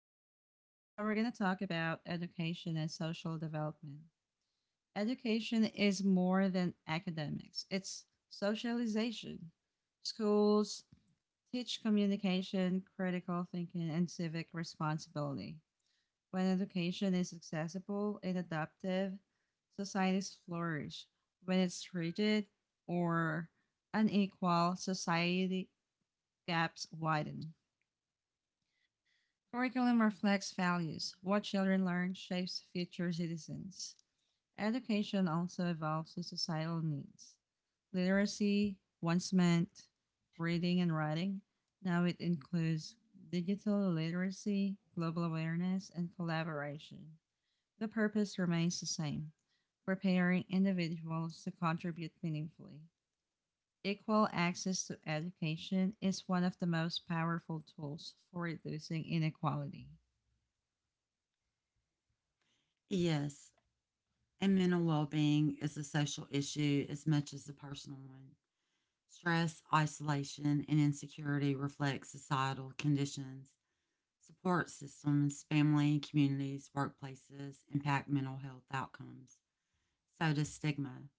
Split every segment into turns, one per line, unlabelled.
Us. Now, we're going to talk about education and social development. Education is more than academics, it's socialization. Schools teach communication, critical thinking, and civic responsibility. When education is accessible and adaptive, societies flourish. When it's rigid or unequal, society gaps widen. Curriculum reflects values. What children learn shapes future citizens. Education also evolves with societal needs. Literacy once meant reading and writing. Now it includes digital literacy, global awareness, and collaboration. The purpose remains the same preparing individuals to contribute meaningfully. Equal access to education is one of the most powerful tools for reducing inequality.
Yes, and mental well being is a social issue as much as a personal one. Stress, isolation, and insecurity reflect societal conditions. Support systems, family, communities, workplaces impact mental health outcomes. So does stigma.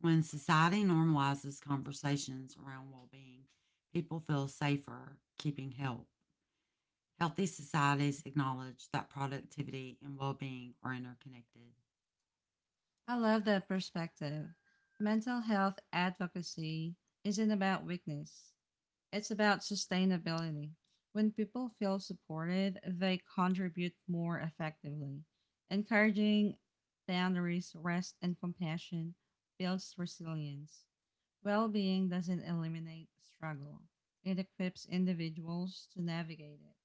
When society normalizes conversations around well being, people feel safer keeping help. Healthy societies acknowledge that productivity and well being are interconnected.
I love that perspective. Mental health advocacy isn't about weakness, it's about sustainability. When people feel supported, they contribute more effectively. Encouraging boundaries, rest, and compassion builds resilience. Well being doesn't eliminate struggle, it equips individuals to navigate it.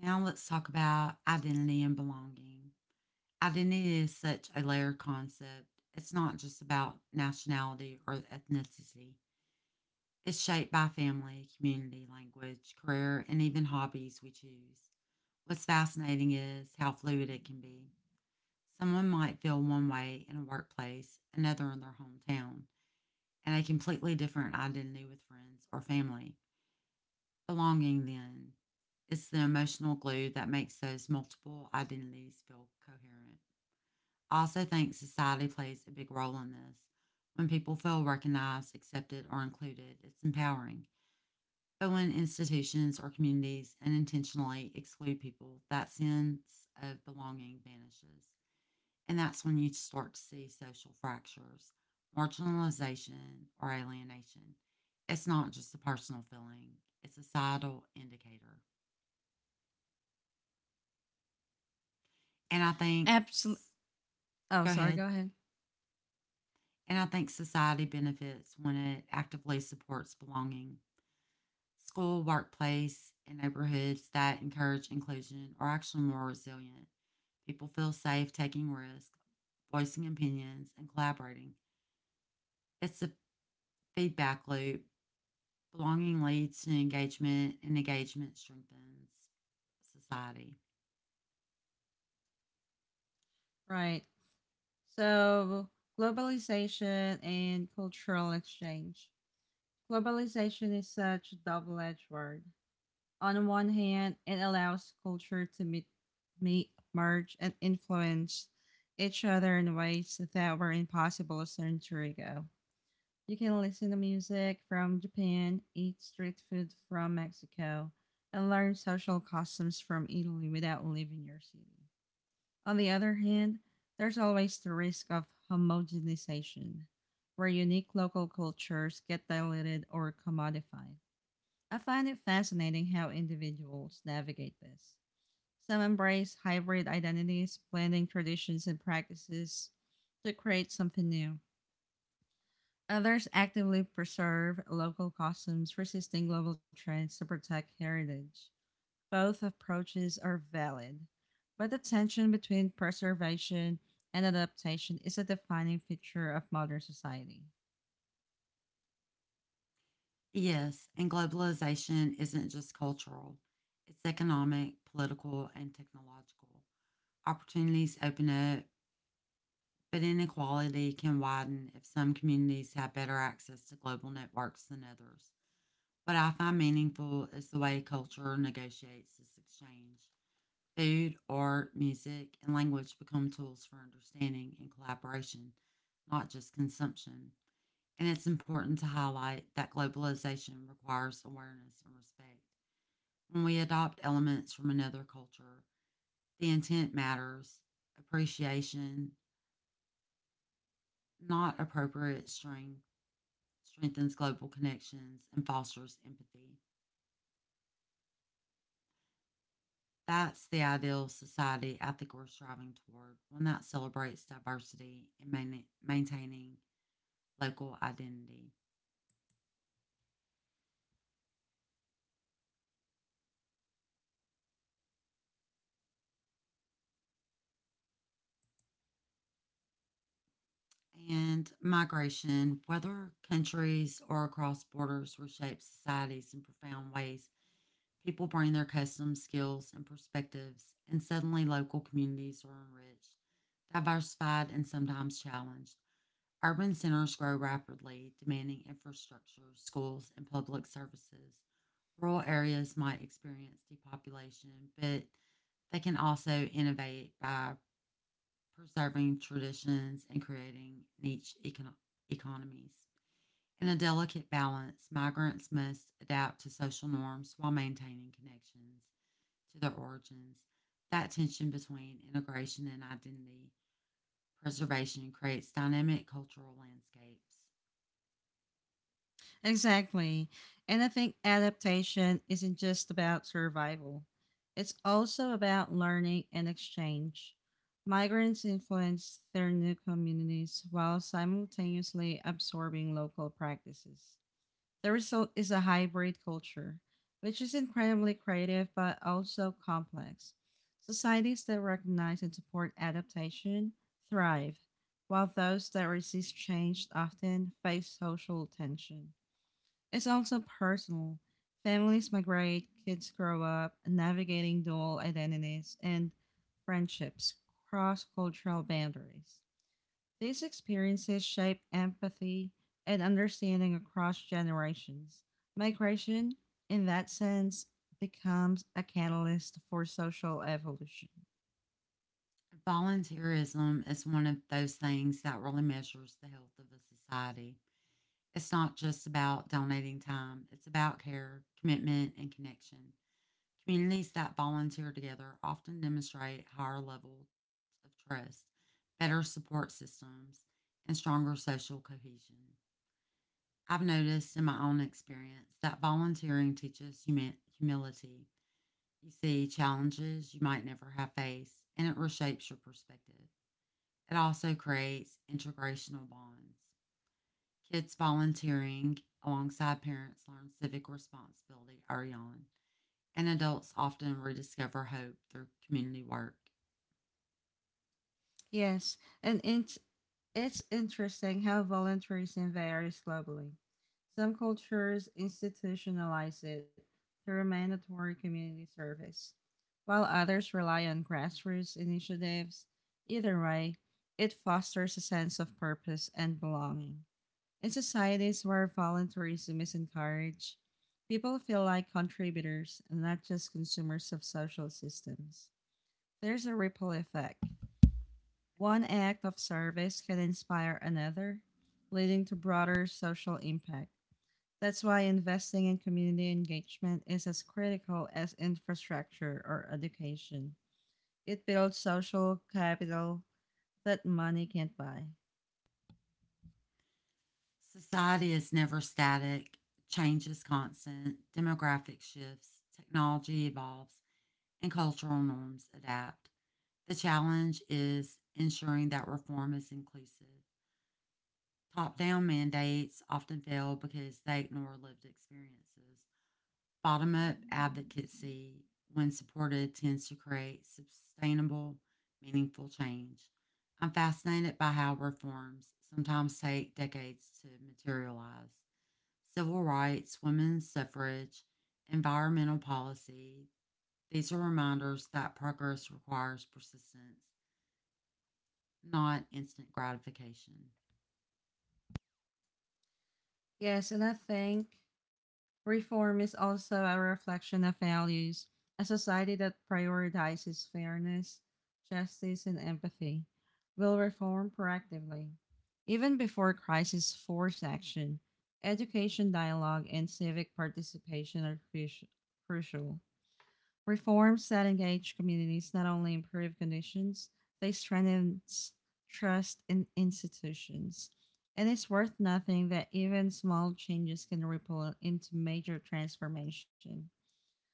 Now let's talk about identity and belonging. Identity is such a layered concept. It's not just about nationality or ethnicity. It's shaped by family, community, language, career, and even hobbies we choose. What's fascinating is how fluid it can be. Someone might feel one way in a workplace, another in their hometown, and a completely different identity with friends or family. Belonging, then, is the emotional glue that makes those multiple identities feel coherent. I also think society plays a big role in this. When people feel recognized, accepted, or included, it's empowering. But when institutions or communities unintentionally exclude people, that sense of belonging vanishes. And that's when you start to see social fractures, marginalization, or alienation. It's not just a personal feeling, it's a societal indicator. And I think
Absolutely.
s
Oh,
Go
sorry.
ahead.
Go ahead.
And I think society benefits when it actively supports belonging. School, workplace, and neighborhoods that encourage inclusion are actually more resilient. People feel safe taking risks, voicing opinions, and collaborating. It's a feedback loop. Belonging leads to engagement, and engagement strengthens society.
Right. So, globalization and cultural exchange. Globalization is such a double edged word. On one hand, it allows culture to meet, merge, and influence each other in ways that were impossible a century ago. You can listen to music from Japan, eat street food from Mexico, and learn social customs from Italy without leaving your city. On the other hand, there's always the risk of homogenization, where unique local cultures get diluted or commodified. I find it fascinating how individuals navigate this. Some embrace hybrid identities, blending traditions and practices to create something new. Others actively preserve local customs, resisting global trends to protect heritage. Both approaches are valid, but the tension between preservation and adaptation is a defining feature of modern society.
Yes, and globalization isn't just cultural, it's economic, political, and technological. Opportunities open up, but inequality can widen if some communities have better access to global networks than others. What I find meaningful is the way culture negotiates this exchange. Food, art, music, and language become tools for understanding and collaboration, not just consumption. And it's important to highlight that globalization requires awareness and respect. When we adopt elements from another culture, the intent matters, appreciation, not appropriate strengthens global connections and fosters empathy. That's the ideal society I think we're striving toward, one that celebrates diversity and maintaining local identity. And migration, whether countries or across borders, reshapes societies in profound ways. People bring their customs, skills, and perspectives, and suddenly local communities are enriched, diversified, and sometimes challenged. Urban centers grow rapidly, demanding infrastructure, schools, and public services. Rural areas might experience depopulation, but they can also innovate by preserving traditions and creating niche economies. In a delicate balance, migrants must adapt to social norms while maintaining connections to their origins. That tension between integration and identity preservation creates dynamic cultural landscapes.
Exactly. And I think adaptation isn't just about survival, it's also about learning and exchange. Migrants influence their new communities while simultaneously absorbing local practices. The result is a hybrid culture, which is incredibly creative but also complex. Societies that recognize and support adaptation thrive, while those that resist change often face social tension. It's also personal. Families migrate, kids grow up, navigating dual identities and friendships, cross cultural boundaries. These experiences shape empathy and understanding across generations. Migration, in that sense, becomes a catalyst for social evolution.
Volunteerism is one of those things that really measures the health of a society. It's not just about donating time, it's about care, commitment, and connection. Communities that volunteer together often demonstrate higher levels of trust, better support systems, and stronger social cohesion. I've noticed in my own experience that volunteering teaches humility. You see challenges you might never have faced, and it reshapes your perspective. It also creates intergenerational bonds. Kids volunteering alongside parents learn civic responsibility early on, and adults often rediscover hope through community work.
Yes, and it's interesting how voluntarism varies globally. Some cultures institutionalize it through mandatory community service, while others rely on grassroots initiatives. Either way, it fosters a sense of purpose and belonging. In societies where voluntarism is encouraged, people feel like contributors and not just consumers of social systems. There's a ripple effect. One act of service can inspire another, leading to broader social impact. That's why investing in community engagement is as critical as infrastructure or education. It builds social capital that money can't buy.
Society is never static, change is constant, demographic shifts, technology evolves, and cultural norms adapt. The challenge is ensuring that reform is inclusive. Top down mandates often fail because they ignore lived experiences. Bottom up advocacy, when supported, tends to create sustainable, meaningful change. I'm fascinated by how reforms sometimes take decades to materialize. Civil rights, women's suffrage, environmental policy, these are reminders that progress requires persistence, not instant gratification.
Yes, and I think reform is also a reflection of values, a society that prioritizes fairness, justice, and empathy. Will reform proactively. Even before crisis, force action. Education, dialogue, and civic participation are crucial. Reforms that engage communities not only improve conditions, they strengthen trust in institutions. And it's worth noting that even small changes can ripple into major transformation.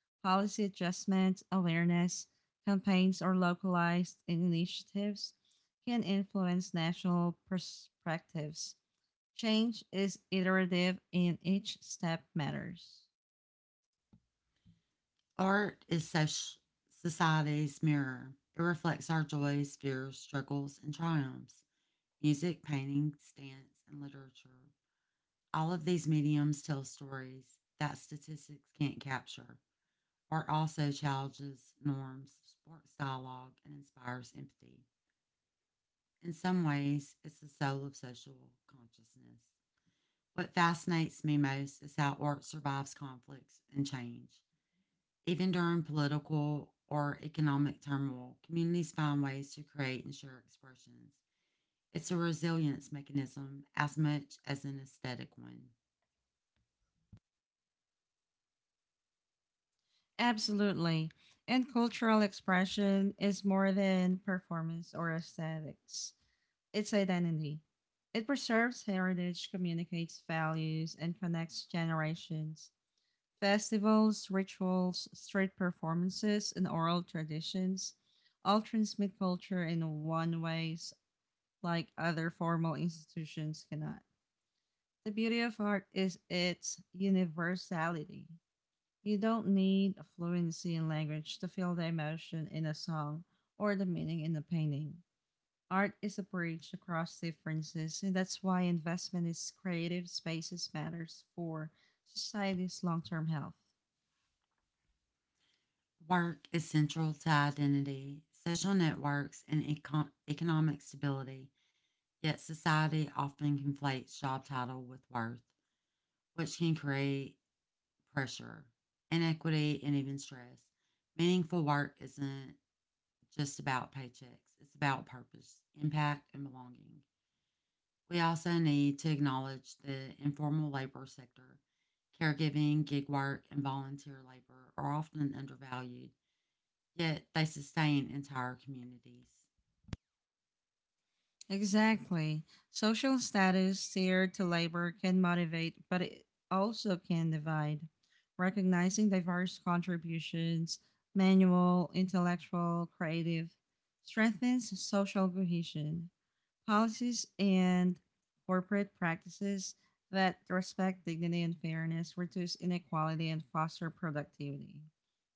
Policy adjustments, awareness, campaigns, or localized initiatives can influence national perspectives. Change is iterative and each step matters.
Art is soc- Society's mirror. It reflects our joys, fears, struggles, and triumphs. Music, painting, dance, and literature. All of these mediums tell stories that statistics can't capture. Art also challenges norms, sparks dialogue, and inspires empathy. In some ways, it's the soul of social consciousness. What fascinates me most is how art survives conflicts and change. Even during political or economic turmoil, communities find ways to create and share expressions. It's a resilience mechanism as much as an aesthetic one.
Absolutely. And cultural expression is more than performance or aesthetics. It's identity. It preserves heritage, communicates values, and connects generations. Festivals, rituals, street performances, and oral traditions all transmit culture in one ways like other formal institutions cannot. The beauty of art is its universality. You don't need a fluency in language to feel the emotion in a song or the meaning in a painting. Art is a bridge across differences, and that's why investment in creative spaces matters for society's long term health.
Work is central to identity, social networks, and economic stability, yet, society often conflates job title with worth, which can create pressure, inequity, and even stress. Meaningful work isn't just about paychecks, it's about purpose, impact, and belonging. We also need to acknowledge the informal labor sector. Caregiving, gig work, and volunteer labor are often undervalued, yet they sustain entire communities.
Exactly. Social status tied to labor can motivate, but it also can divide. Recognizing diverse contributions, manual, intellectual, creative, strengthens social cohesion. Policies and corporate practices that respect dignity and fairness reduce inequality and foster productivity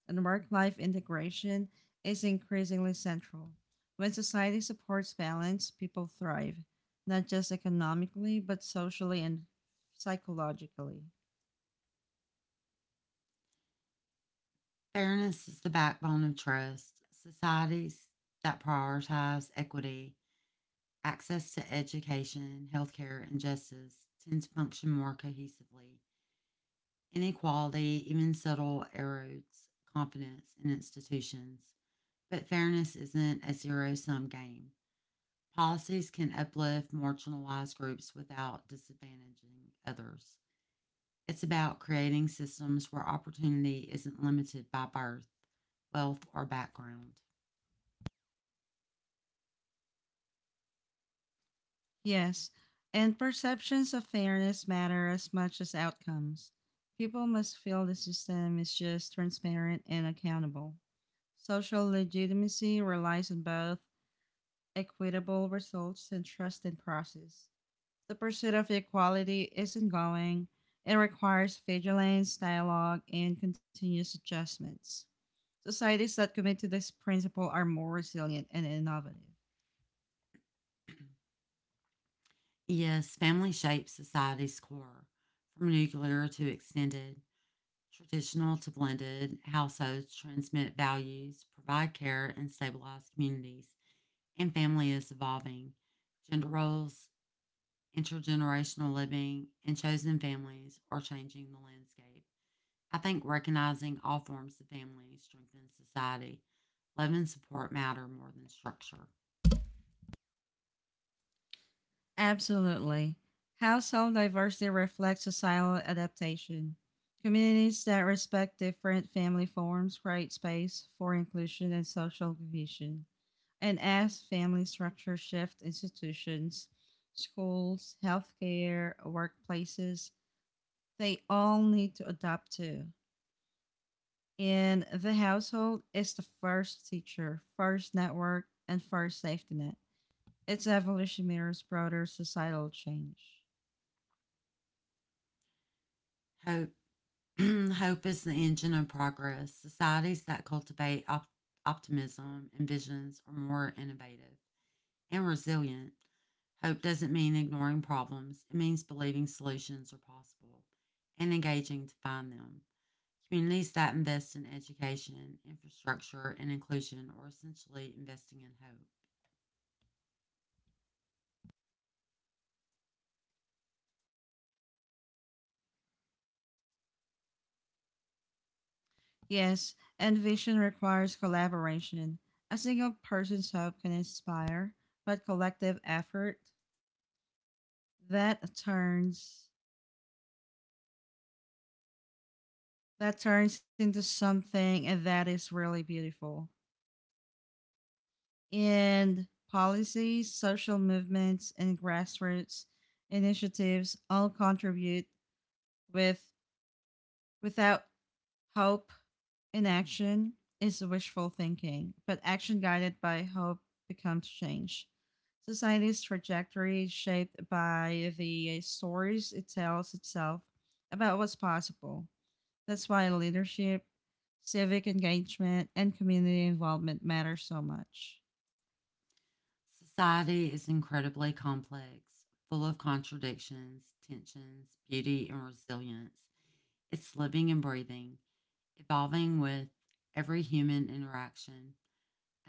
and work life integration is increasingly central. When society supports balance, people thrive, not just economically, but socially and psychologically.
Fairness is the backbone of trust. Societies that prioritize equity, access to education, healthcare, and justice tend to function more cohesively. Inequality, even subtle, erodes confidence in institutions. But fairness isn't a zero sum game. Policies can uplift marginalized groups without disadvantaging others. It's about creating systems where opportunity isn't limited by birth, wealth, or background.
Yes, and perceptions of fairness matter as much as outcomes. People must feel the system is just transparent and accountable. Social legitimacy relies on both equitable results and trust in process. The pursuit of equality isn't going. It requires vigilance, dialogue, and continuous adjustments. Societies that commit to this principle are more resilient and innovative.
Yes, family shapes society's core, from nuclear to extended, traditional to blended. Households transmit values, provide care, and stabilize communities, and family is evolving. Gender roles, intergenerational living, and chosen families are changing the landscape. I think recognizing all forms of family strengthens society. Love and support matter more than structure.
Absolutely. Household diversity reflects societal adaptation. Communities that respect different family forms create space for inclusion and social cohesion. And as family structures shift, institutions, schools, healthcare, workplaces, they all need to adapt to. In the household is the first teacher, first network, and first safety net. Its evolution mirrors broader societal change.
Hope, hope is the engine of progress. Societies that cultivate optimism and visions are more innovative and resilient. Hope doesn't mean ignoring problems, it means believing solutions are possible and engaging to find them. Communities that invest in education, infrastructure, and inclusion are essentially investing in hope.
Yes, and vision requires collaboration. A single person's hope can inspire, but collective effort that turns that turns into something that is really beautiful. And policies, social movements, and grassroots initiatives all contribute with without hope inaction is wishful thinking, but action guided by hope becomes change. Society's trajectory is shaped by the stories it tells itself about what's possible. That's why leadership, civic engagement, and community involvement matter so much.
Society is incredibly complex, full of contradictions, tensions, beauty, and resilience. It's living and breathing, evolving with every human interaction.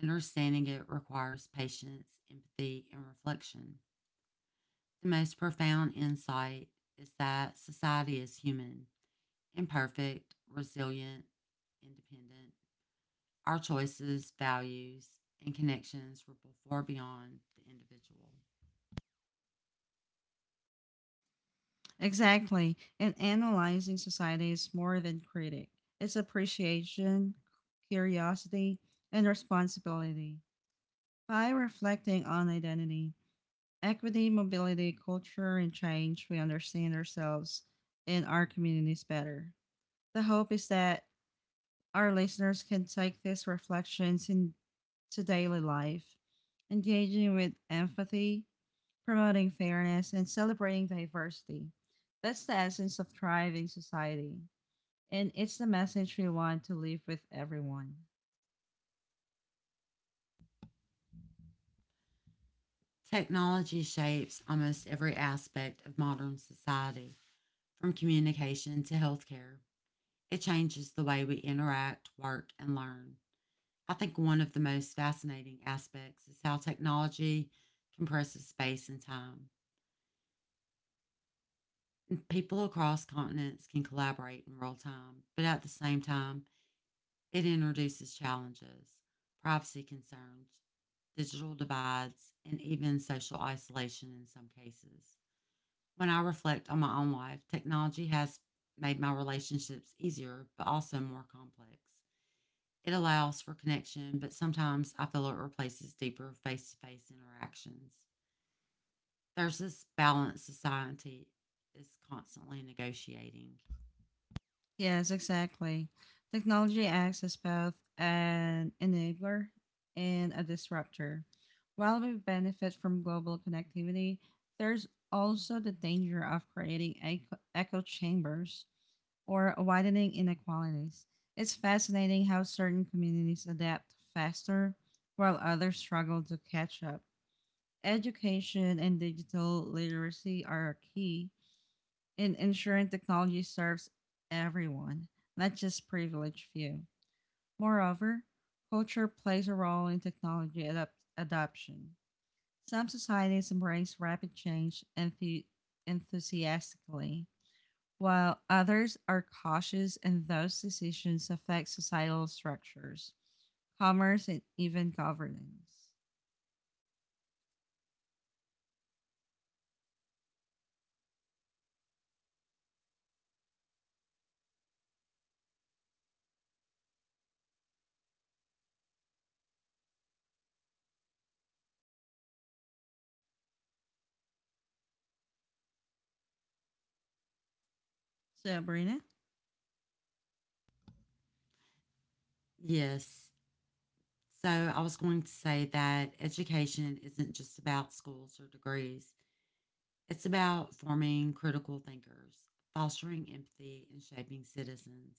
Understanding it requires patience, empathy, and reflection. The most profound insight is that society is human, imperfect, resilient, independent. Our choices, values, and connections ripple far beyond the individual.
Exactly. And analyzing society is more than critic. It's appreciation, curiosity, and responsibility. By reflecting on identity, equity, mobility, culture, and change, we understand ourselves and our communities better. The hope is that our listeners can take these reflections into daily life, engaging with empathy, promoting fairness, and celebrating diversity. That's the essence of thriving society, and it's the message we want to leave with everyone.
Technology shapes almost every aspect of modern society, from communication to healthcare. It changes the way we interact, work, and learn. I think one of the most fascinating aspects is how technology compresses space and time. People across continents can collaborate in real time, but at the same time, it introduces challenges, privacy concerns, digital divides, and even social isolation in some cases. When I reflect on my own life, technology has made my relationships easier, but also more complex. It allows for connection, but sometimes I feel it replaces deeper face to face interactions. There's this balance society is constantly negotiating.
Yes, exactly. Technology acts as both an enabler and a disruptor. While we benefit from global connectivity, there's also the danger of creating echo chambers or widening inequalities. It's fascinating how certain communities adapt faster while others struggle to catch up. Education and digital literacy are key in ensuring technology serves everyone, not just privileged few. Moreover, culture plays a role in technology adoption. Some societies embrace rapid change enthusiastically, while others are cautious and those decisions affect societal structures, commerce, and even governance. Sabrina?
Yes. So I was going to say that education isn't just about schools or degrees, it's about forming critical thinkers, fostering empathy, and shaping citizens.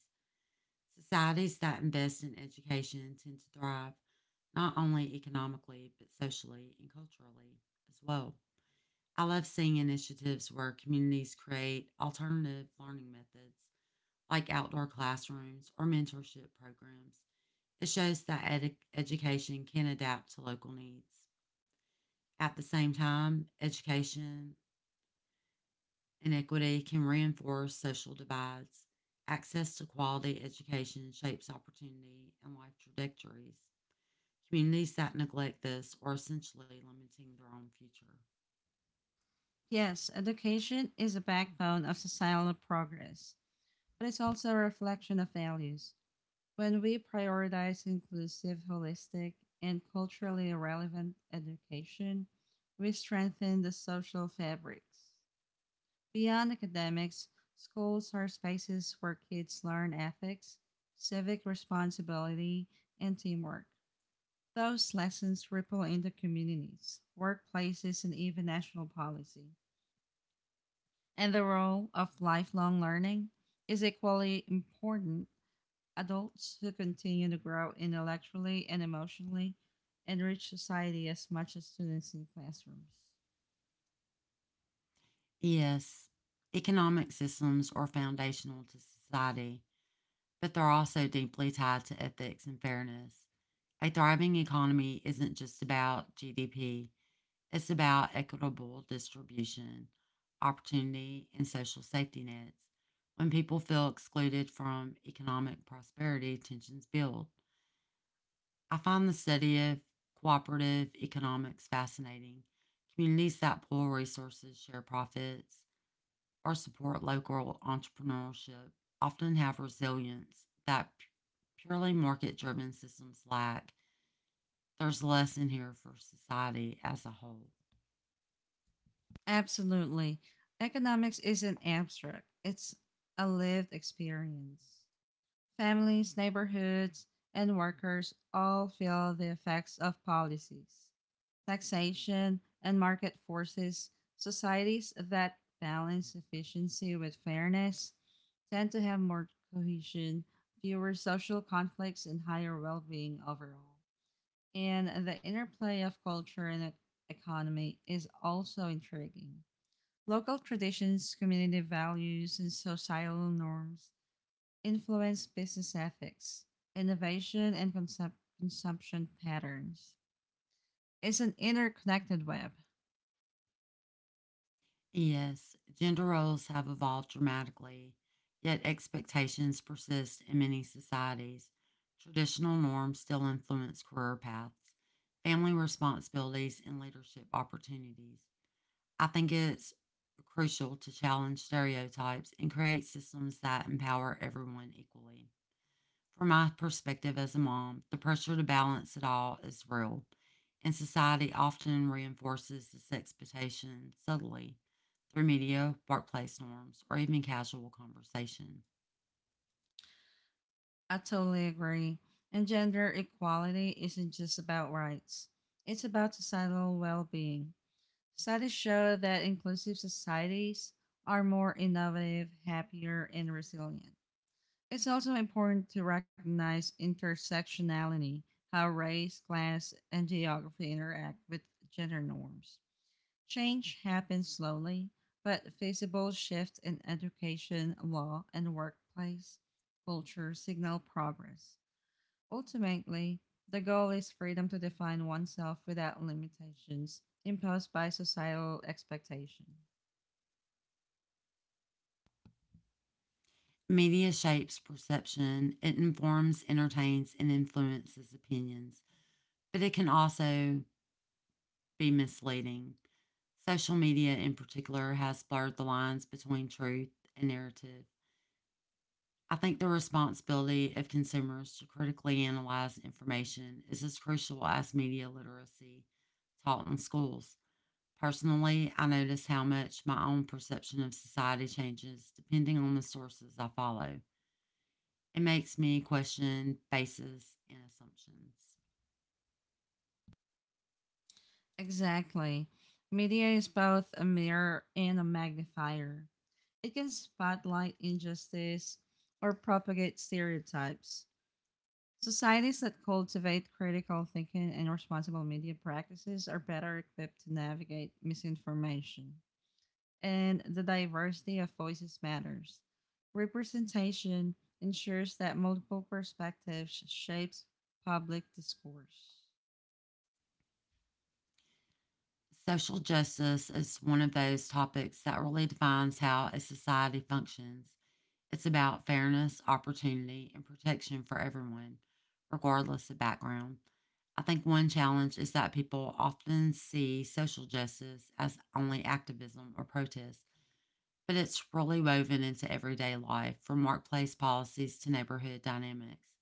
Societies that invest in education tend to thrive not only economically, but socially and culturally as well. I love seeing initiatives where communities create alternative learning methods like outdoor classrooms or mentorship programs. It shows that education can adapt to local needs. At the same time, education inequity can reinforce social divides. Access to quality education shapes opportunity and life trajectories. Communities that neglect this are essentially limiting their own future.
Yes, education is a backbone of societal progress, but it's also a reflection of values. When we prioritize inclusive, holistic, and culturally relevant education, we strengthen the social fabrics. Beyond academics, schools are spaces where kids learn ethics, civic responsibility, and teamwork. Those lessons ripple into communities, workplaces, and even national policy. And the role of lifelong learning is equally important adults who continue to grow intellectually and emotionally and reach society as much as students in classrooms.
Yes, economic systems are foundational to society, but they're also deeply tied to ethics and fairness. A thriving economy isn't just about GDP, it's about equitable distribution, opportunity, and social safety nets. When people feel excluded from economic prosperity, tensions build. I find the study of cooperative economics fascinating. Communities that pool resources, share profits, or support local entrepreneurship often have resilience that purely market driven systems lack. There's less in here for society as a whole.
Absolutely. Economics isn't abstract, it's a lived experience. Families, neighborhoods, and workers all feel the effects of policies, taxation, and market forces, societies that balance efficiency with fairness tend to have more cohesion, fewer social conflicts, and higher well being overall. And the interplay of culture and economy is also intriguing. Local traditions, community values, and societal norms influence business ethics, innovation, and consumption patterns. It's an interconnected web.
Yes, gender roles have evolved dramatically, yet expectations persist in many societies. Traditional norms still influence career paths, family responsibilities, and leadership opportunities. I think it's crucial to challenge stereotypes and create systems that empower everyone equally. From my perspective as a mom, the pressure to balance it all is real, and society often reinforces this expectation subtly through media, workplace norms, or even casual conversation.
I totally agree. And gender equality isn't just about rights, it's about societal well being. Studies show that inclusive societies are more innovative, happier, and resilient. It's also important to recognize intersectionality, how race, class, and geography interact with gender norms. Change happens slowly, but feasible shifts in education, law, and workplace culture signal progress. Ultimately, the goal is freedom to define oneself without limitations imposed by societal expectation.
Media shapes perception, it informs, entertains, and influences opinions, but it can also be misleading. Social media, in particular, has blurred the lines between truth and narrative. I think the responsibility of consumers to critically analyze information is as crucial as media literacy taught in schools. Personally, I notice how much my own perception of society changes depending on the sources I follow. It makes me question bases and assumptions.
Exactly. Media is both a mirror and a magnifier. It can spotlight injustice or propagate stereotypes. Societies that cultivate critical thinking and responsible media practices are better equipped to navigate misinformation. And the diversity of voices matters. Representation ensures that multiple perspectives shapes public discourse.
Social justice is one of those topics that really defines how a society functions. It's about fairness, opportunity, and protection for everyone, regardless of background. I think one challenge is that people often see social justice as only activism or protest but it's really woven into everyday life, from workplace policies to neighborhood dynamics.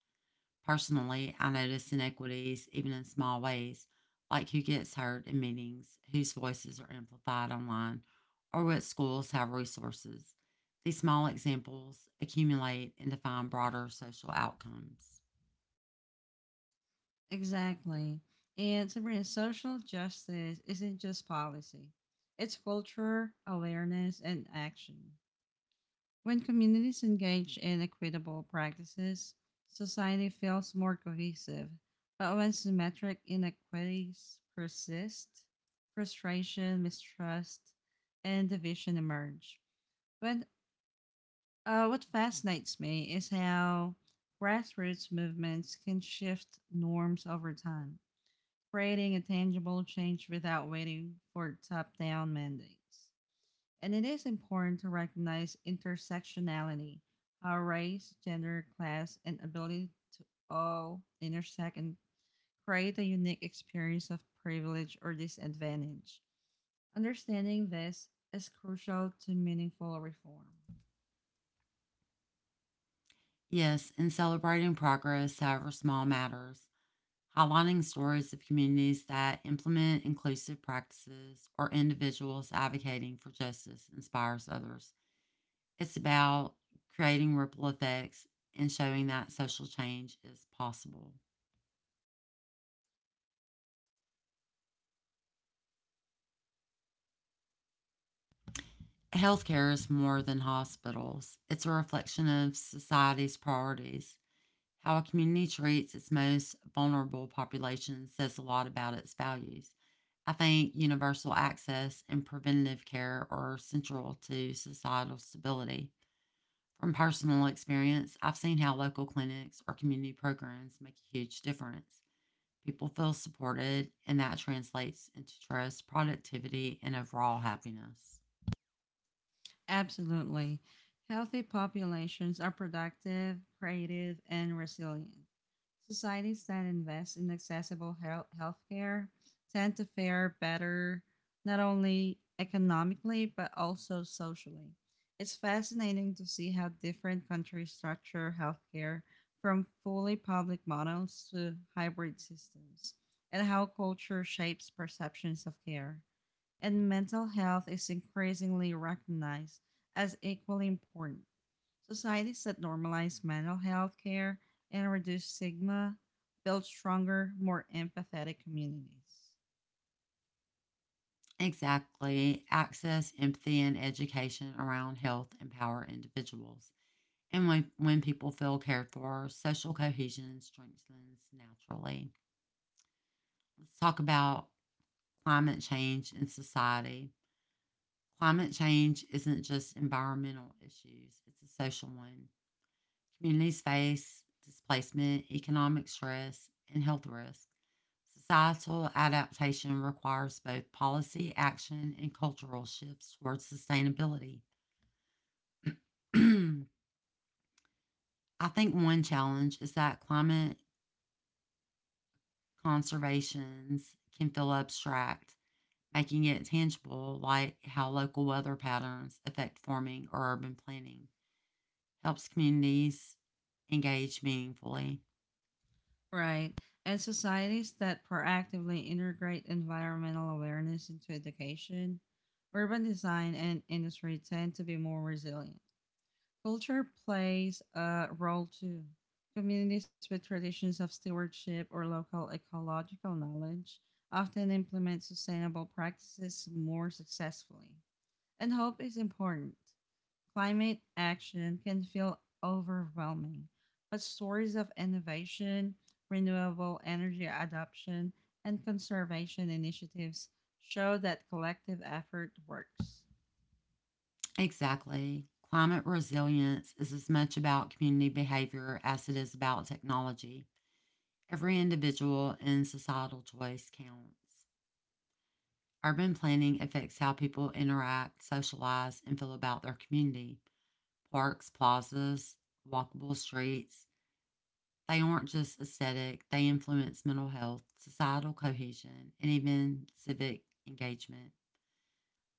Personally, I notice inequities even in small ways, like who gets heard in meetings, whose voices are amplified online, or what schools have resources. These small examples accumulate and define broader social outcomes.
Exactly. And Sabrina, social justice isn't just policy. It's culture, awareness, and action. When communities engage in equitable practices, society feels more cohesive. But when symmetric inequities persist, frustration, mistrust, and division emerge. But What fascinates me is how grassroots movements can shift norms over time, creating a tangible change without waiting for top down mandates and it is important to recognize intersectionality, how race, gender, class, and ability to all intersect and create a unique experience of privilege or disadvantage. Understanding this is crucial to meaningful reform.
Yes, in celebrating progress, however small, matters. Highlighting stories of communities that implement inclusive practices or individuals advocating for justice inspires others. It's about creating ripple effects and showing that social change is possible. Healthcare is more than hospitals, it's a reflection of society's priorities. How a community treats its most vulnerable population says a lot about its values. I think universal access and preventative care are central to societal stability. From personal experience, I've seen how local clinics or community programs make a huge difference. People feel supported, and that translates into trust, productivity, and overall happiness.
Absolutely. Healthy populations are productive, creative, and resilient. Societies that invest in accessible healthcare tend to fare better not only economically but also socially. It's fascinating to see how different countries structure healthcare from fully public models to hybrid systems and how culture shapes perceptions of care and mental health is increasingly recognized as equally important. Societies that normalize mental health care and reduce stigma build stronger, more empathetic communities.
Exactly. Access, empathy, and education around health empower individuals. And when people feel cared for, social cohesion strengthens naturally. Let's talk about climate change in society. Climate change isn't just environmental issues, it's a social one. Communities face displacement, economic stress, and health risks. Societal adaptation requires both policy action and cultural shifts towards sustainability. I think one challenge is that climate conservations can feel abstract, making it tangible, like how local weather patterns affect farming or urban planning, helps communities engage meaningfully.
Right. And societies that proactively integrate environmental awareness into education, urban design, and industry tend to be more resilient. Culture plays a role too. Communities with traditions of stewardship or local ecological knowledge often implement sustainable practices more successfully. And hope is important. Climate action can feel overwhelming, but stories of innovation, renewable energy adoption, and conservation initiatives show that collective effort works.
Exactly. Climate resilience is as much about community behavior as it is about technology. Every individual and societal choice counts. Urban planning affects how people interact, socialize, and feel about their community. Parks, plazas, walkable streets, they aren't just aesthetic, they influence mental health, societal cohesion, and even civic engagement.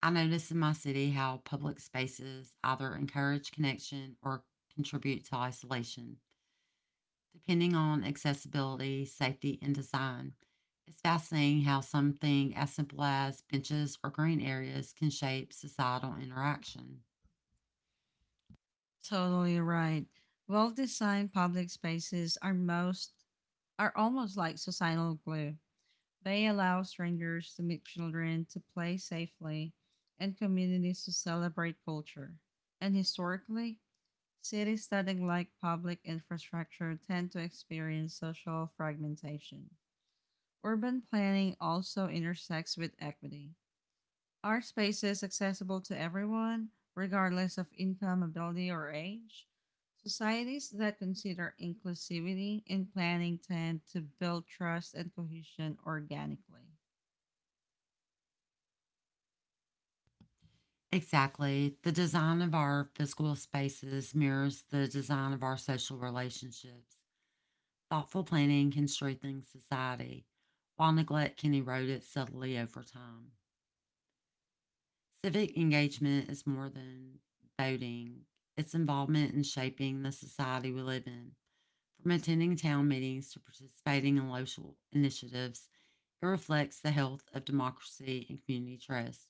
I notice in my city how public spaces either encourage connection or contribute to isolation, depending on accessibility, safety, and design. It's fascinating how something as simple as benches or green areas can shape societal interaction.
Totally right. Well designed public spaces are almost like societal glue. They allow strangers to meet children, to play safely, and communities to celebrate culture. And historically, cities that neglect public infrastructure tend to experience social fragmentation. Urban planning also intersects with equity. Are spaces accessible to everyone, regardless of income, ability, or age? Societies that consider inclusivity in planning tend to build trust and cohesion organically.
Exactly. The design of our physical spaces mirrors the design of our social relationships. Thoughtful planning can strengthen society, while neglect can erode it subtly over time. Civic engagement is more than voting, it's involvement in shaping the society we live in. From attending town meetings to participating in local initiatives, it reflects the health of democracy and community trust.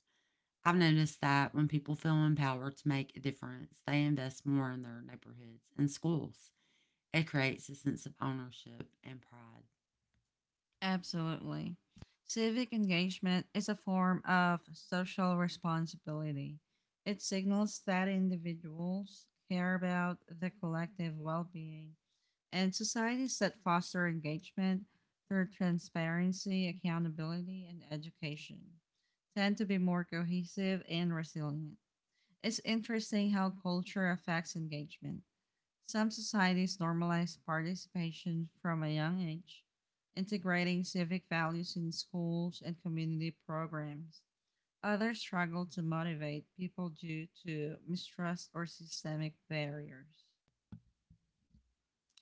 I've noticed that when people feel empowered to make a difference, they invest more in their neighborhoods and schools. It creates a sense of ownership and pride.
Absolutely. Civic engagement is a form of social responsibility. It signals that individuals care about the collective well being, and societies that foster engagement through transparency, accountability, and education tend to be more cohesive and resilient. It's interesting how culture affects engagement. Some societies normalize participation from a young age, integrating civic values in schools and community programs. Others struggle to motivate people due to mistrust or systemic barriers.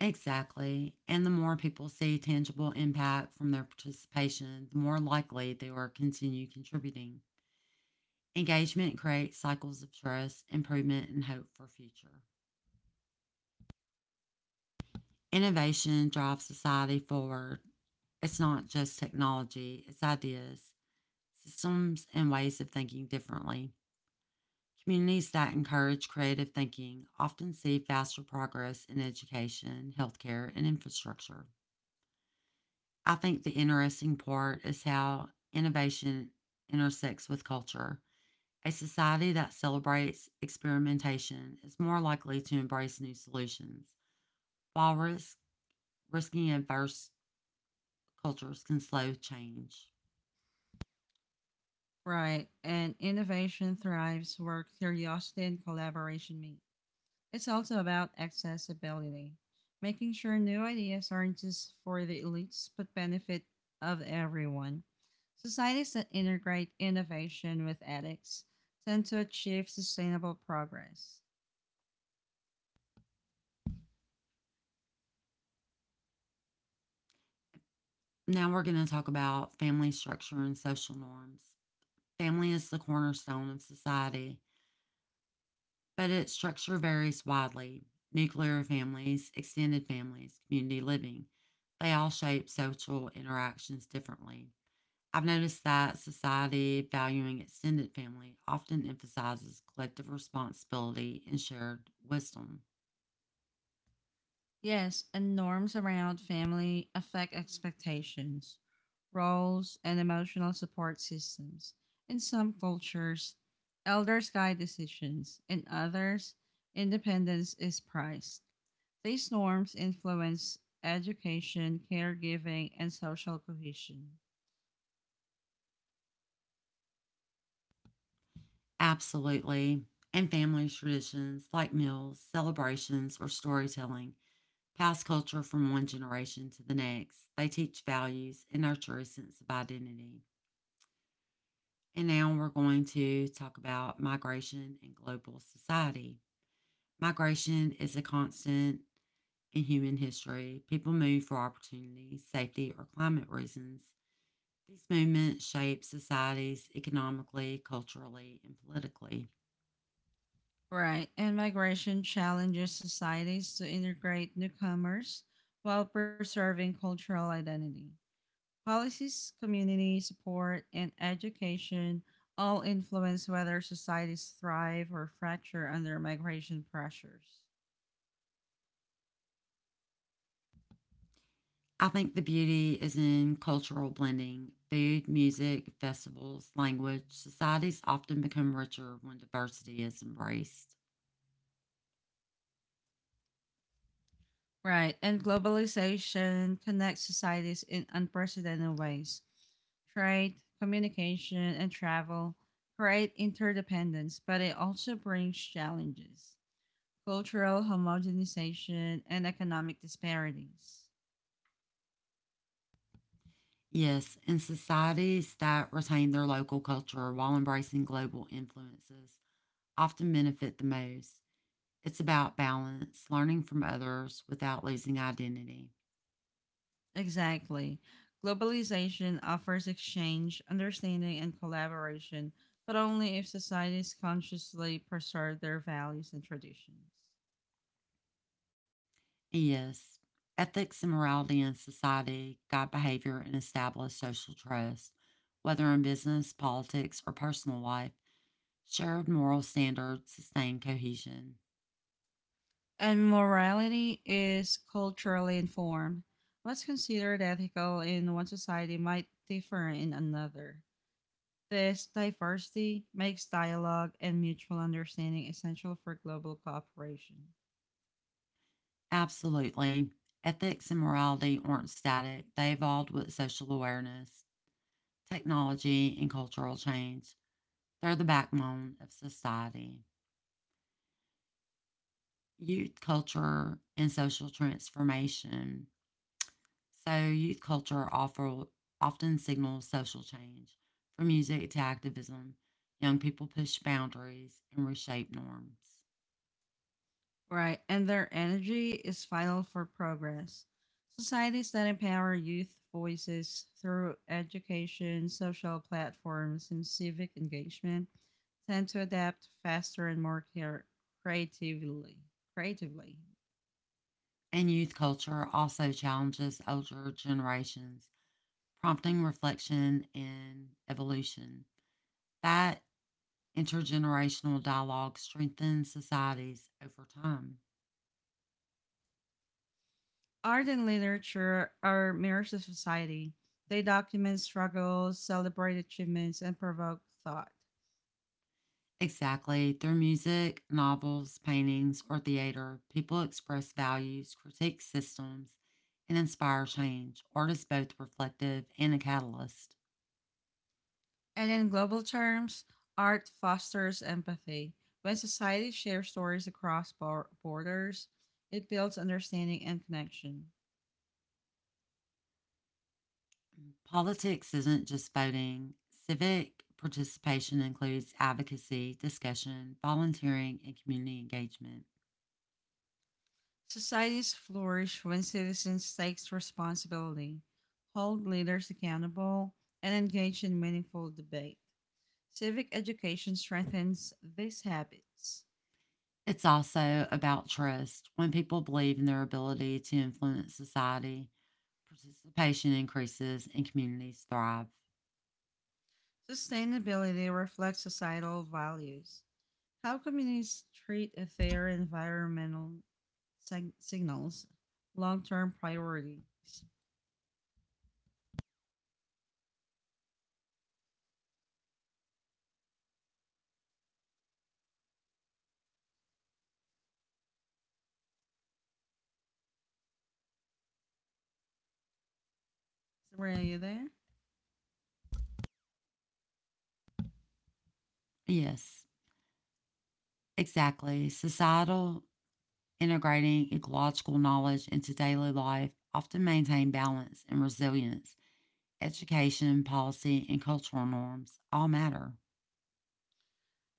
Exactly. And the more people see tangible impact from their participation, the more likely they are to continue contributing. Engagement creates cycles of trust, improvement, and hope for future. Innovation drives society forward. It's not just technology, it's ideas, systems, and ways of thinking differently. Communities that encourage creative thinking often see faster progress in education, healthcare, and infrastructure. I think the interesting part is how innovation intersects with culture. A society that celebrates experimentation is more likely to embrace new solutions, while risking adverse cultures can slow change.
Right. And innovation thrives where curiosity and collaboration meet. It's also about accessibility, making sure new ideas aren't just for the elites but benefit of everyone. Societies that integrate innovation with ethics tend to achieve sustainable progress.
Now we're going to talk about family structure and social norms. Family is the cornerstone of society, but its structure varies widely. Nuclear families, extended families, community living, they all shape social interactions differently. I've noticed that society valuing extended family often emphasizes collective responsibility and shared wisdom.
Yes, and norms around family affect expectations, roles, and emotional support systems. In some cultures, elders guide decisions; in others, independence is prized. These norms influence education, caregiving, and social cohesion.
Absolutely. And family traditions like meals, celebrations, or storytelling pass culture from one generation to the next. They teach values and nurture a sense of identity. And now we're going to talk about migration and global society. Migration is a constant in human history, people moved for opportunity, safety, or climate reasons. These movements shape societies economically, culturally, and politically.
Right, and migration challenges societies to integrate newcomers while preserving cultural identity. Policies, community support, and education all influence whether societies thrive or fracture under migration pressures.
I think the beauty is in cultural blending. Food, music, festivals, language, societies often become richer when diversity is embraced.
Right, and globalization connects societies in unprecedented ways. Trade, communication, and travel create interdependence, but it also brings challenges: cultural homogenization and economic disparities.
Yes, and societies that retain their local culture while embracing global influences often benefit the most. It's about balance, learning from others without losing identity.
Exactly. Globalization offers exchange, understanding, and collaboration, but only if societies consciously preserve their values and traditions.
Yes. Ethics and morality in society guide behavior and establish social trust. Whether in business, politics, or personal life, shared moral standards sustain cohesion.
And morality is culturally informed. What's considered ethical in one society might differ in another. This diversity makes dialogue and mutual understanding essential for global cooperation.
Absolutely. Ethics and morality aren't static, they evolved with social awareness, technology, and cultural change. They're the backbone of society. Youth culture and social transformation. So, youth culture often signals social change from music to activism. Young people push boundaries and reshape norms.
Right, and their energy is vital for progress. Societies that empower youth voices through education, social platforms, and civic engagement tend to adapt faster and more creatively. Creatively,
And youth culture also challenges older generations, prompting reflection and evolution. That intergenerational dialogue strengthens societies over time.
art and literature are mirrors of society. They document struggles, celebrate achievements, and provoke thought.
Exactly. Through music, novels, paintings, or theater, people express values, critique systems, and inspire change. Art is both reflective and a catalyst.
And in global terms, art fosters empathy. When society shares stories across borders, it builds understanding and connection.
Politics isn't just voting. Civic participation includes advocacy, discussion, volunteering, and community engagement.
Societies flourish when citizens take responsibility, hold leaders accountable, and engage in meaningful debate. Civic education strengthens these habits.
It's also about trust. When people believe in their ability to influence society, participation increases and communities thrive.
Sustainability reflects societal values. How communities treat their environmental signals long-term priorities. Sabrina, are you there?
Yes. Exactly. Societal integrating ecological knowledge into daily life often maintain balance and resilience. Education, policy, and cultural norms all matter.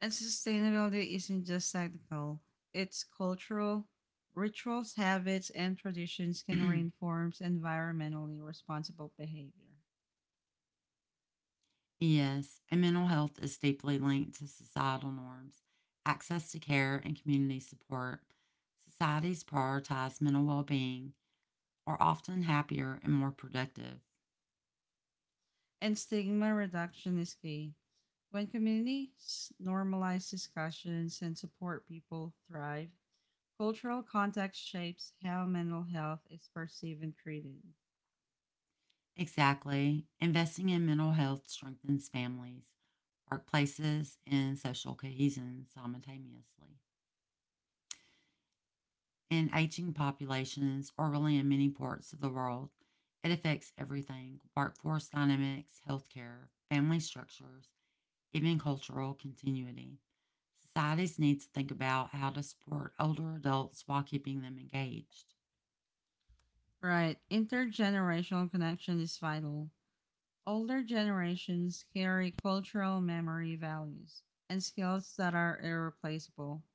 And sustainability isn't just technical; it's cultural. Rituals, habits, and traditions can reinforce environmentally responsible behavior.
Yes, and mental health is deeply linked to societal norms, access to care, and community support. Societies prioritize mental well being, are often happier and more productive.
And stigma reduction is key. When communities normalize discussions and support, people thrive. Cultural context shapes how mental health is perceived and treated.
Exactly. Investing in mental health strengthens families, workplaces, and social cohesion simultaneously. In aging populations, or really in many parts of the world, it affects everything workforce dynamics, healthcare, family structures, even cultural continuity. Societies need to think about how to support older adults while keeping them engaged.
Right, intergenerational connection is vital. Older generations carry cultural memory, values, and skills that are irreplaceable.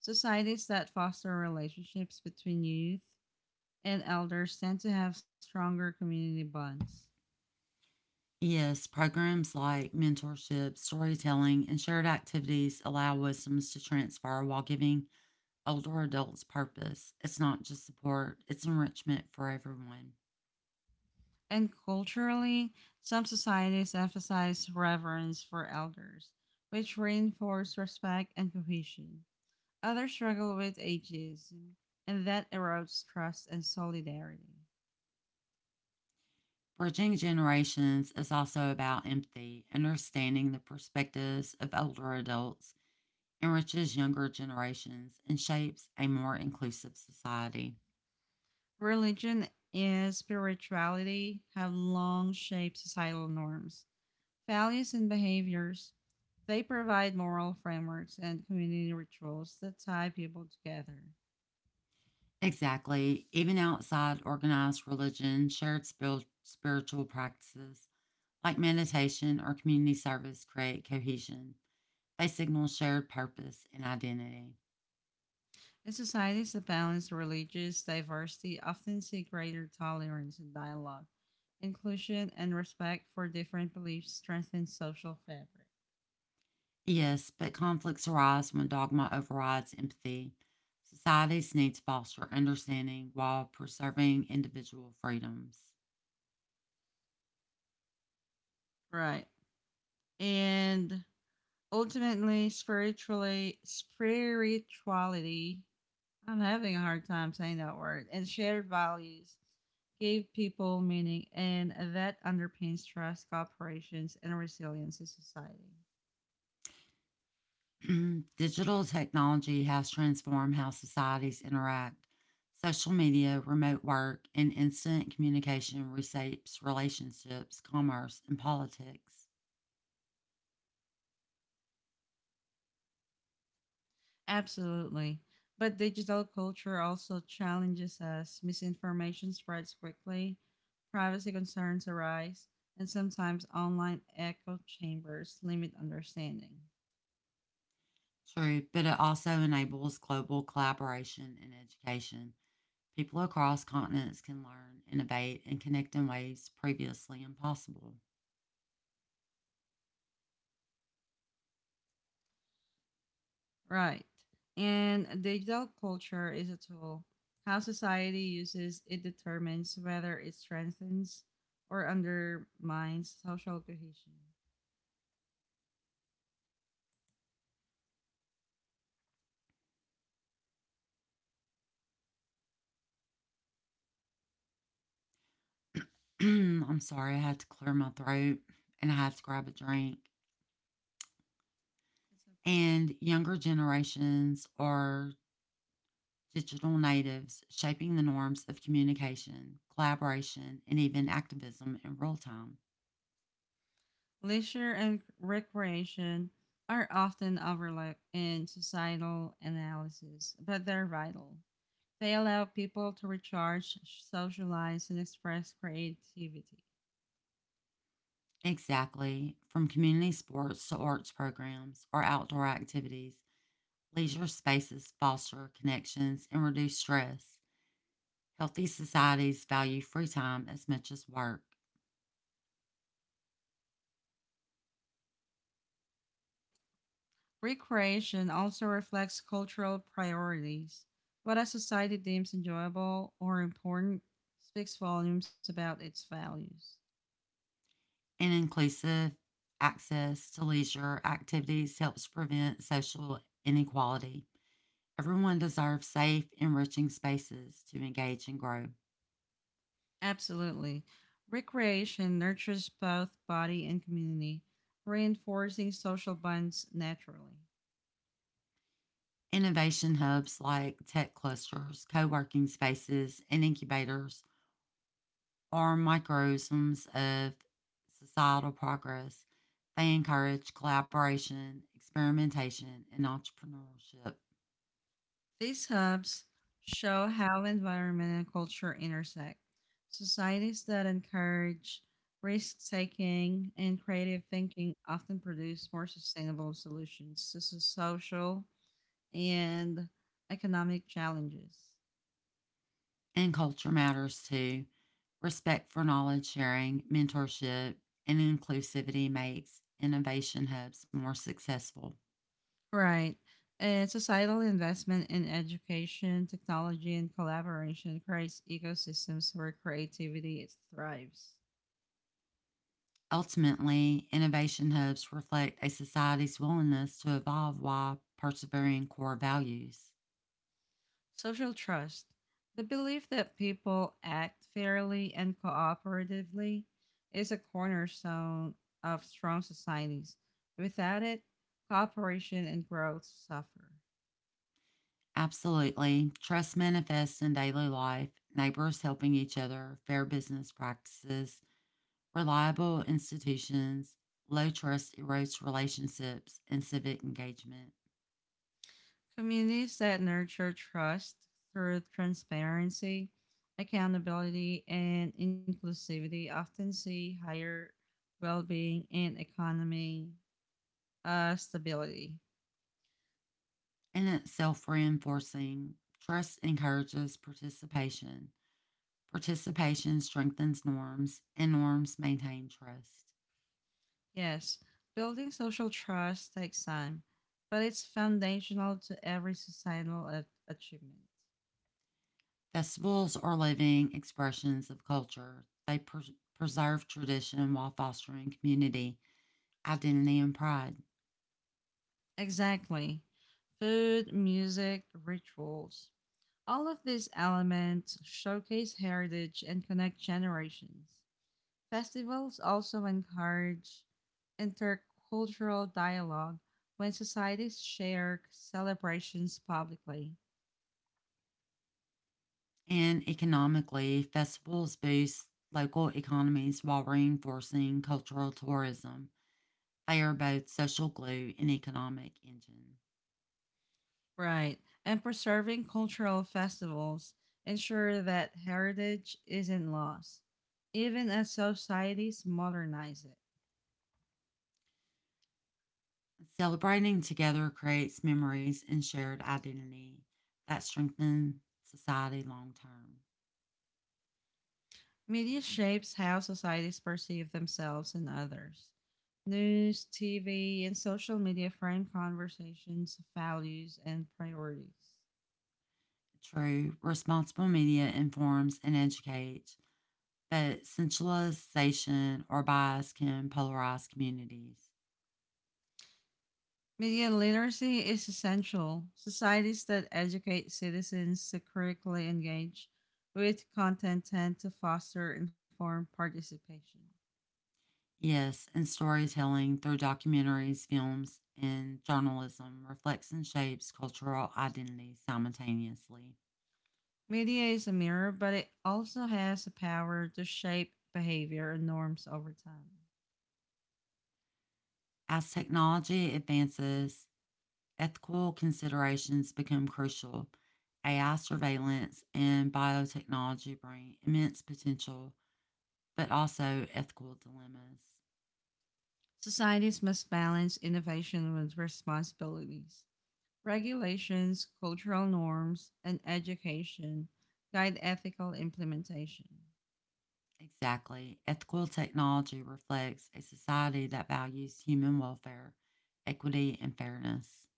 Societies that foster relationships between youth and elders tend to have stronger community bonds.
Yes, programs like mentorship, storytelling, and shared activities allow wisdoms to transfer while giving older adults purpose. It's not just support, it's enrichment for everyone.
And culturally, some societies emphasize reverence for elders, which reinforce respect and cohesion. Others struggle with ageism, and that erodes trust and solidarity.
Bridging generations is also about empathy. Understanding the perspectives of older adults enriches younger generations and shapes a more inclusive society.
Religion and spirituality have long shaped societal norms, values, and behaviors. They provide moral frameworks and community rituals that tie people together.
Exactly. Even outside organized religion, shared spiritual practices like meditation or community service, create cohesion. They signal shared purpose and identity.
In societies that balance religious diversity often see greater tolerance and dialogue. Inclusion and respect for different beliefs strengthen social fabric.
Yes, but conflicts arise when dogma overrides empathy. Societies need to foster understanding while preserving individual freedoms.
Right. And ultimately, spiritually spirituality, I'm having a hard time saying that word, and shared values gave people meaning, and that underpins trust, cooperations, and resilience in society.
Digital technology has transformed how societies interact. Social media, remote work, and instant communication reshapes relationships, commerce, and politics.
Absolutely. But digital culture also challenges us. Misinformation spreads quickly, privacy concerns arise, and sometimes online echo chambers limit understanding.
True, but it also enables global collaboration in education. People across continents can learn, innovate, and connect in ways previously impossible.
Right. And digital culture is a tool. How society uses it determines whether it strengthens or undermines social cohesion.
I'm sorry, I had to clear my throat and I had to grab a drink.
That's okay.
And younger generations are digital natives, shaping the norms of communication, collaboration, and even activism in real time.
Leisure and recreation are often overlooked in societal analysis, but they're vital. They allow people to recharge, socialize, and express creativity.
Exactly. From community sports to arts programs or outdoor activities, leisure spaces foster connections and reduce stress. Healthy societies value free time as much as work.
Recreation also reflects cultural priorities. What a society deems enjoyable or important speaks volumes about its values.
And inclusive access to leisure activities helps prevent social inequality. Everyone deserves safe, enriching spaces to engage and grow.
Absolutely. Recreation nurtures both body and community, reinforcing social bonds naturally.
Innovation hubs like tech clusters, co working spaces, and incubators are microcosms of societal progress. They encourage collaboration, experimentation, and entrepreneurship.
These hubs show how environment and culture intersect. Societies that encourage risk taking and creative thinking often produce more sustainable solutions to social and economic challenges.
And culture matters too. Respect for knowledge sharing, mentorship, and inclusivity makes innovation hubs more successful.
Right. And societal investment in education, technology, and collaboration creates ecosystems where creativity thrives.
Ultimately, innovation hubs reflect a society's willingness to evolve while persevering core values.
Social trust, the belief that people act fairly and cooperatively, is a cornerstone of strong societies. Without it, cooperation and growth suffer.
Absolutely. Trust manifests in daily life, neighbors helping each other, fair business practices, reliable institutions. Low trust erodes relationships and civic engagement.
Communities that nurture trust through transparency, accountability, and inclusivity often see higher well being and economy stability.
And it's self reinforcing. Trust encourages participation. Participation strengthens norms, and norms maintain trust.
Yes, building social trust takes time, but it's foundational to every societal achievement.
Festivals are living expressions of culture. They preserve tradition while fostering community, identity, and pride.
Exactly. Food, music, rituals. All of these elements showcase heritage and connect generations. Festivals also encourage intercultural dialogue when societies share celebrations publicly.
And economically, festivals boost local economies while reinforcing cultural tourism. They are both social glue and economic engine.
Right. And preserving cultural festivals ensure that heritage isn't lost, even as societies modernize it.
Celebrating together creates memories and shared identity that strengthen society long term.
Media shapes how societies perceive themselves and others. News, TV, and social media frame conversations, values, and priorities.
True, responsible media informs and educates, but sensationalization or bias can polarize communities.
Media literacy is essential. Societies that educate citizens to critically engage with content tend to foster informed participation.
Yes, and storytelling through documentaries, films, and journalism reflects and shapes cultural identity simultaneously.
Media is a mirror, but it also has the power to shape behavior and norms over time.
As technology advances, ethical considerations become crucial. AI surveillance and biotechnology bring immense potential, but also ethical dilemmas.
Societies must balance innovation with responsibilities. Regulations, cultural norms, and education guide ethical implementation.
Exactly. Ethical technology reflects a society that values human welfare, equity, and fairness.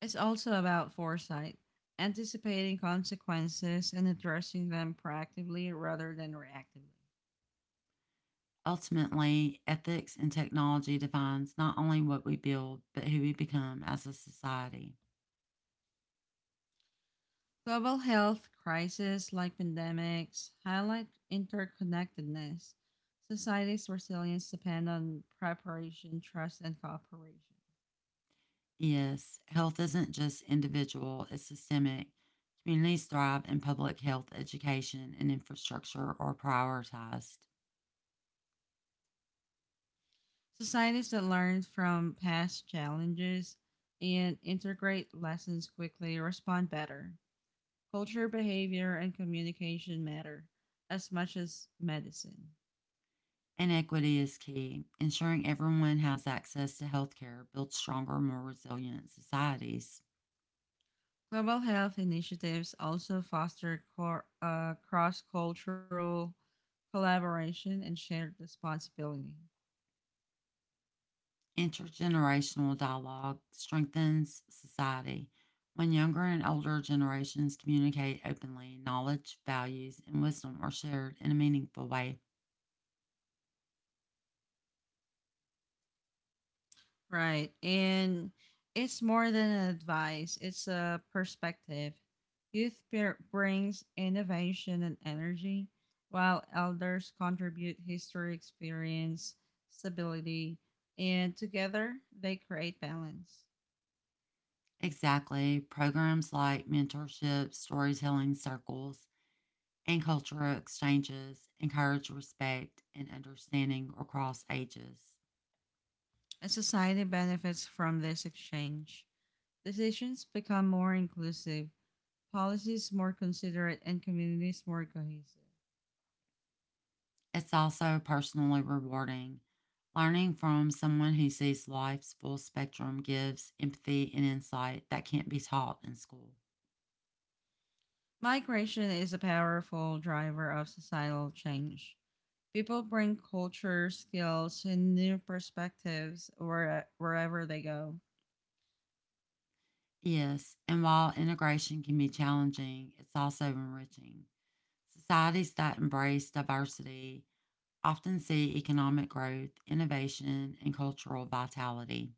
It's also about foresight, anticipating consequences and addressing them proactively rather than reactively.
Ultimately, ethics and technology defines not only what we build, but who we become as a society.
Global health crises like pandemics highlight interconnectedness. Society's resilience depend on preparation, trust, and cooperation.
Yes, health isn't just individual, it's systemic. Communities thrive in public health education and infrastructure are prioritized.
Societies that learn from past challenges and integrate lessons quickly respond better. Culture, behavior, and communication matter as much as medicine.
And equity is key. Ensuring everyone has access to healthcare builds stronger, more resilient societies.
Global health initiatives also foster cross cultural collaboration and shared responsibility.
Intergenerational dialogue strengthens society. When younger and older generations communicate openly, knowledge, values, and wisdom are shared in a meaningful way.
Right. And it's more than advice, it's a perspective. Youth brings innovation and energy, while elders contribute history, experience, stability, and together they create balance.
Exactly. Programs like mentorship, storytelling circles, and cultural exchanges encourage respect and understanding across ages.
A society benefits from this exchange. Decisions become more inclusive, policies more considerate, and communities more cohesive.
It's also personally rewarding. Learning from someone who sees life's full spectrum gives empathy and insight that can't be taught in school.
Migration is a powerful driver of societal change. People bring culture, skills, and new perspectives wherever they go.
Yes, and while integration can be challenging, it's also enriching. Societies that embrace diversity often see economic growth, innovation, and cultural vitality.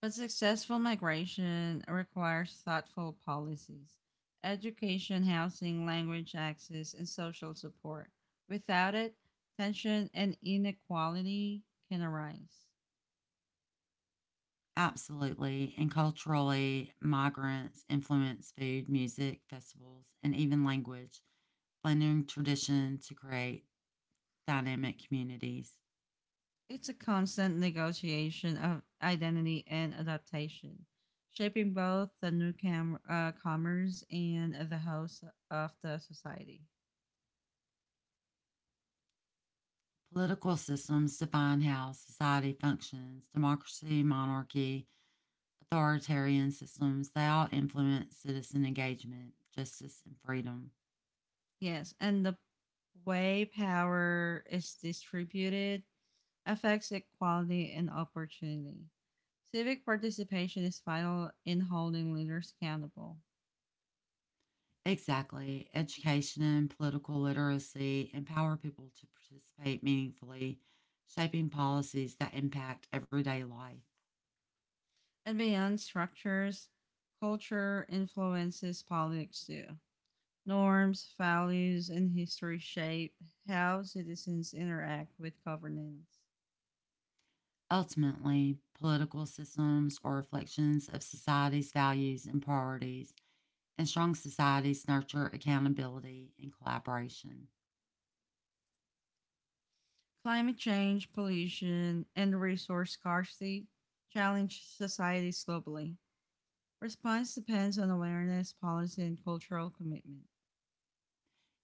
But successful migration requires thoughtful policies, education, housing, language access, and social support. Without it, tension and inequality can arise.
Absolutely, and culturally, migrants influence food, music, festivals, and even language, blending tradition to create dynamic communities.
It's a constant negotiation of identity and adaptation, shaping both the newcomer comers and the host of the society.
Political systems define how society functions democracy, monarchy, authoritarian systems, they all influence citizen engagement, justice, and freedom.
Yes, and the way power is distributed affects equality and opportunity. Civic participation is vital in holding leaders accountable.
Exactly. Education and political literacy empower people to participate meaningfully, shaping policies that impact everyday life.
And beyond structures, culture influences politics too. Norms, values, and history shape how citizens interact with governance.
Ultimately, political systems are reflections of society's values and priorities, and strong societies nurture accountability and collaboration.
Climate change, pollution, and resource scarcity challenge societies globally. Response depends on awareness, policy, and cultural commitment.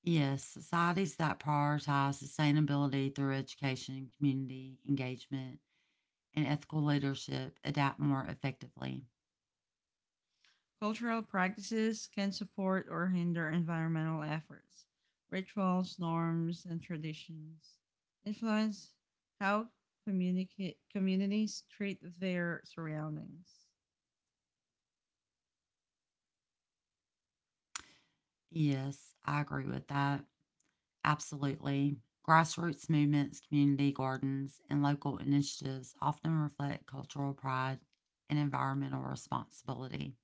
Yes, societies that prioritize sustainability through education, community engagement, and ethical leadership adapt more effectively.
Cultural practices can support or hinder environmental efforts. Rituals, norms, and traditions influence how communities treat their surroundings.
Yes, I agree with that. Absolutely. Grassroots movements, community gardens, and local initiatives often reflect cultural pride and environmental responsibility.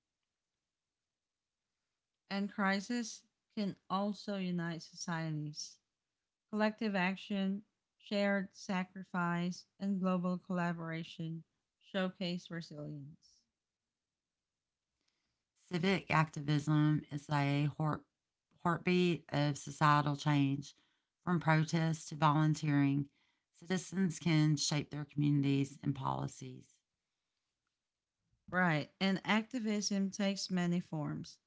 And crisis can also unite societies. Collective action, shared sacrifice, and global collaboration showcase resilience.
Civic activism is a heartbeat of societal change. From protests to volunteering, citizens can shape their communities and policies.
Right, and activism takes many forms: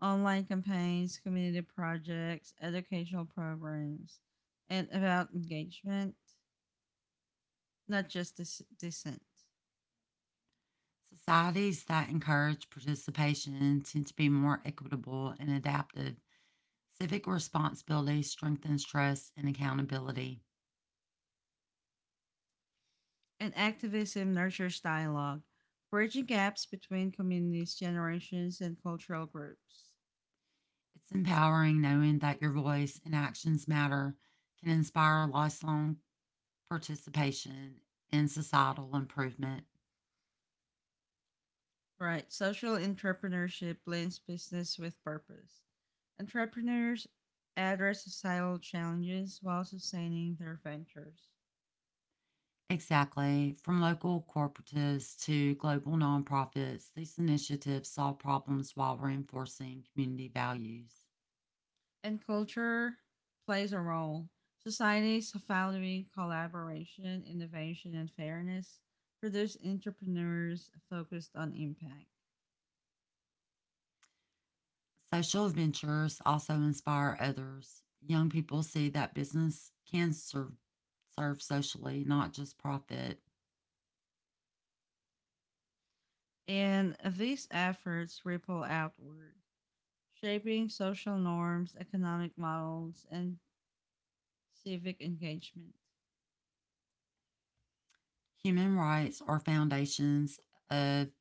online campaigns, community projects, educational programs, and about engagement, not just this descent.
Societies that encourage participation tend to be more equitable and adaptive. Civic responsibility strengthens trust and accountability.
And activism nurtures dialogue, bridging gaps between communities, generations, and cultural groups.
It's empowering knowing that your voice and actions matter can inspire lifelong participation in societal improvement.
Right, social entrepreneurship blends business with purpose. Entrepreneurs address societal challenges while sustaining their ventures.
Exactly. From local cooperatives to global nonprofits, these initiatives solve problems while reinforcing community values.
And culture plays a role. Societies valuing collaboration, innovation, and fairness produce entrepreneurs focused on impact.
Social ventures also inspire others. Young people see that business can serve socially, not just profit.
And these efforts ripple outward, shaping social norms, economic models, and civic engagement.
Human rights are foundations of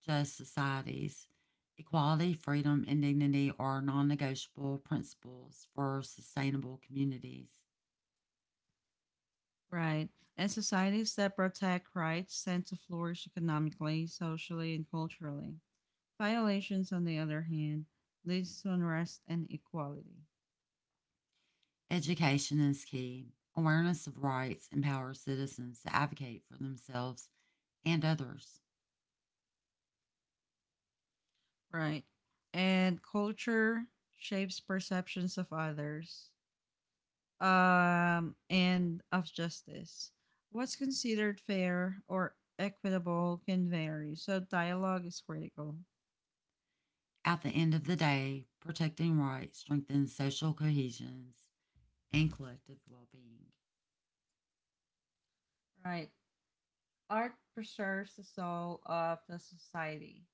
just societies. Equality, freedom, and dignity are non negotiable principles for sustainable communities.
Right. And societies that protect rights tend to flourish economically, socially, and culturally. Violations, on the other hand, leads to unrest and inequality.
Education is key. Awareness of rights empowers citizens to advocate for themselves and others.
Right. And culture shapes perceptions of others and of justice. What's considered fair or equitable can vary, so dialogue is critical.
At the end of the day, protecting rights strengthens social cohesions and collective well being.
Right. Art preserves the soul of the society.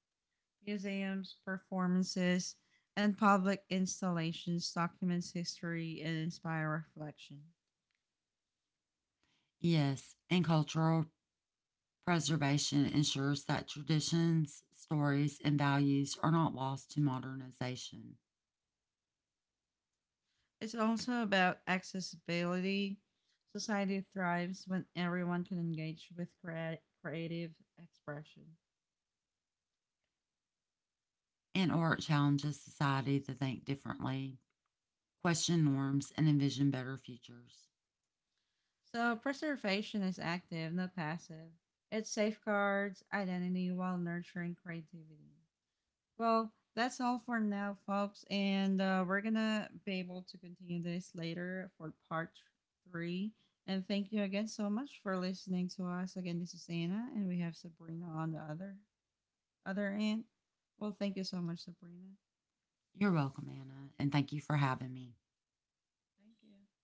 Museums, performances, and public installations documents history and inspire reflection.
Yes, and cultural preservation ensures that traditions, stories, and values are not lost to modernization.
It's also about accessibility. Society thrives when everyone can engage with creative expression.
And art challenges society to think differently, question norms, and envision better futures.
So, preservation is active, not passive. It safeguards identity while nurturing creativity. Well, that's all for now, folks. And we're going to be able to continue this later for part three. And thank you again so much for listening to us. Again, this is Anna, and we have Sabrina on the other end. Well, thank you so much, Sabrina.
You're welcome, Anna, and thank you for having me.
Thank you.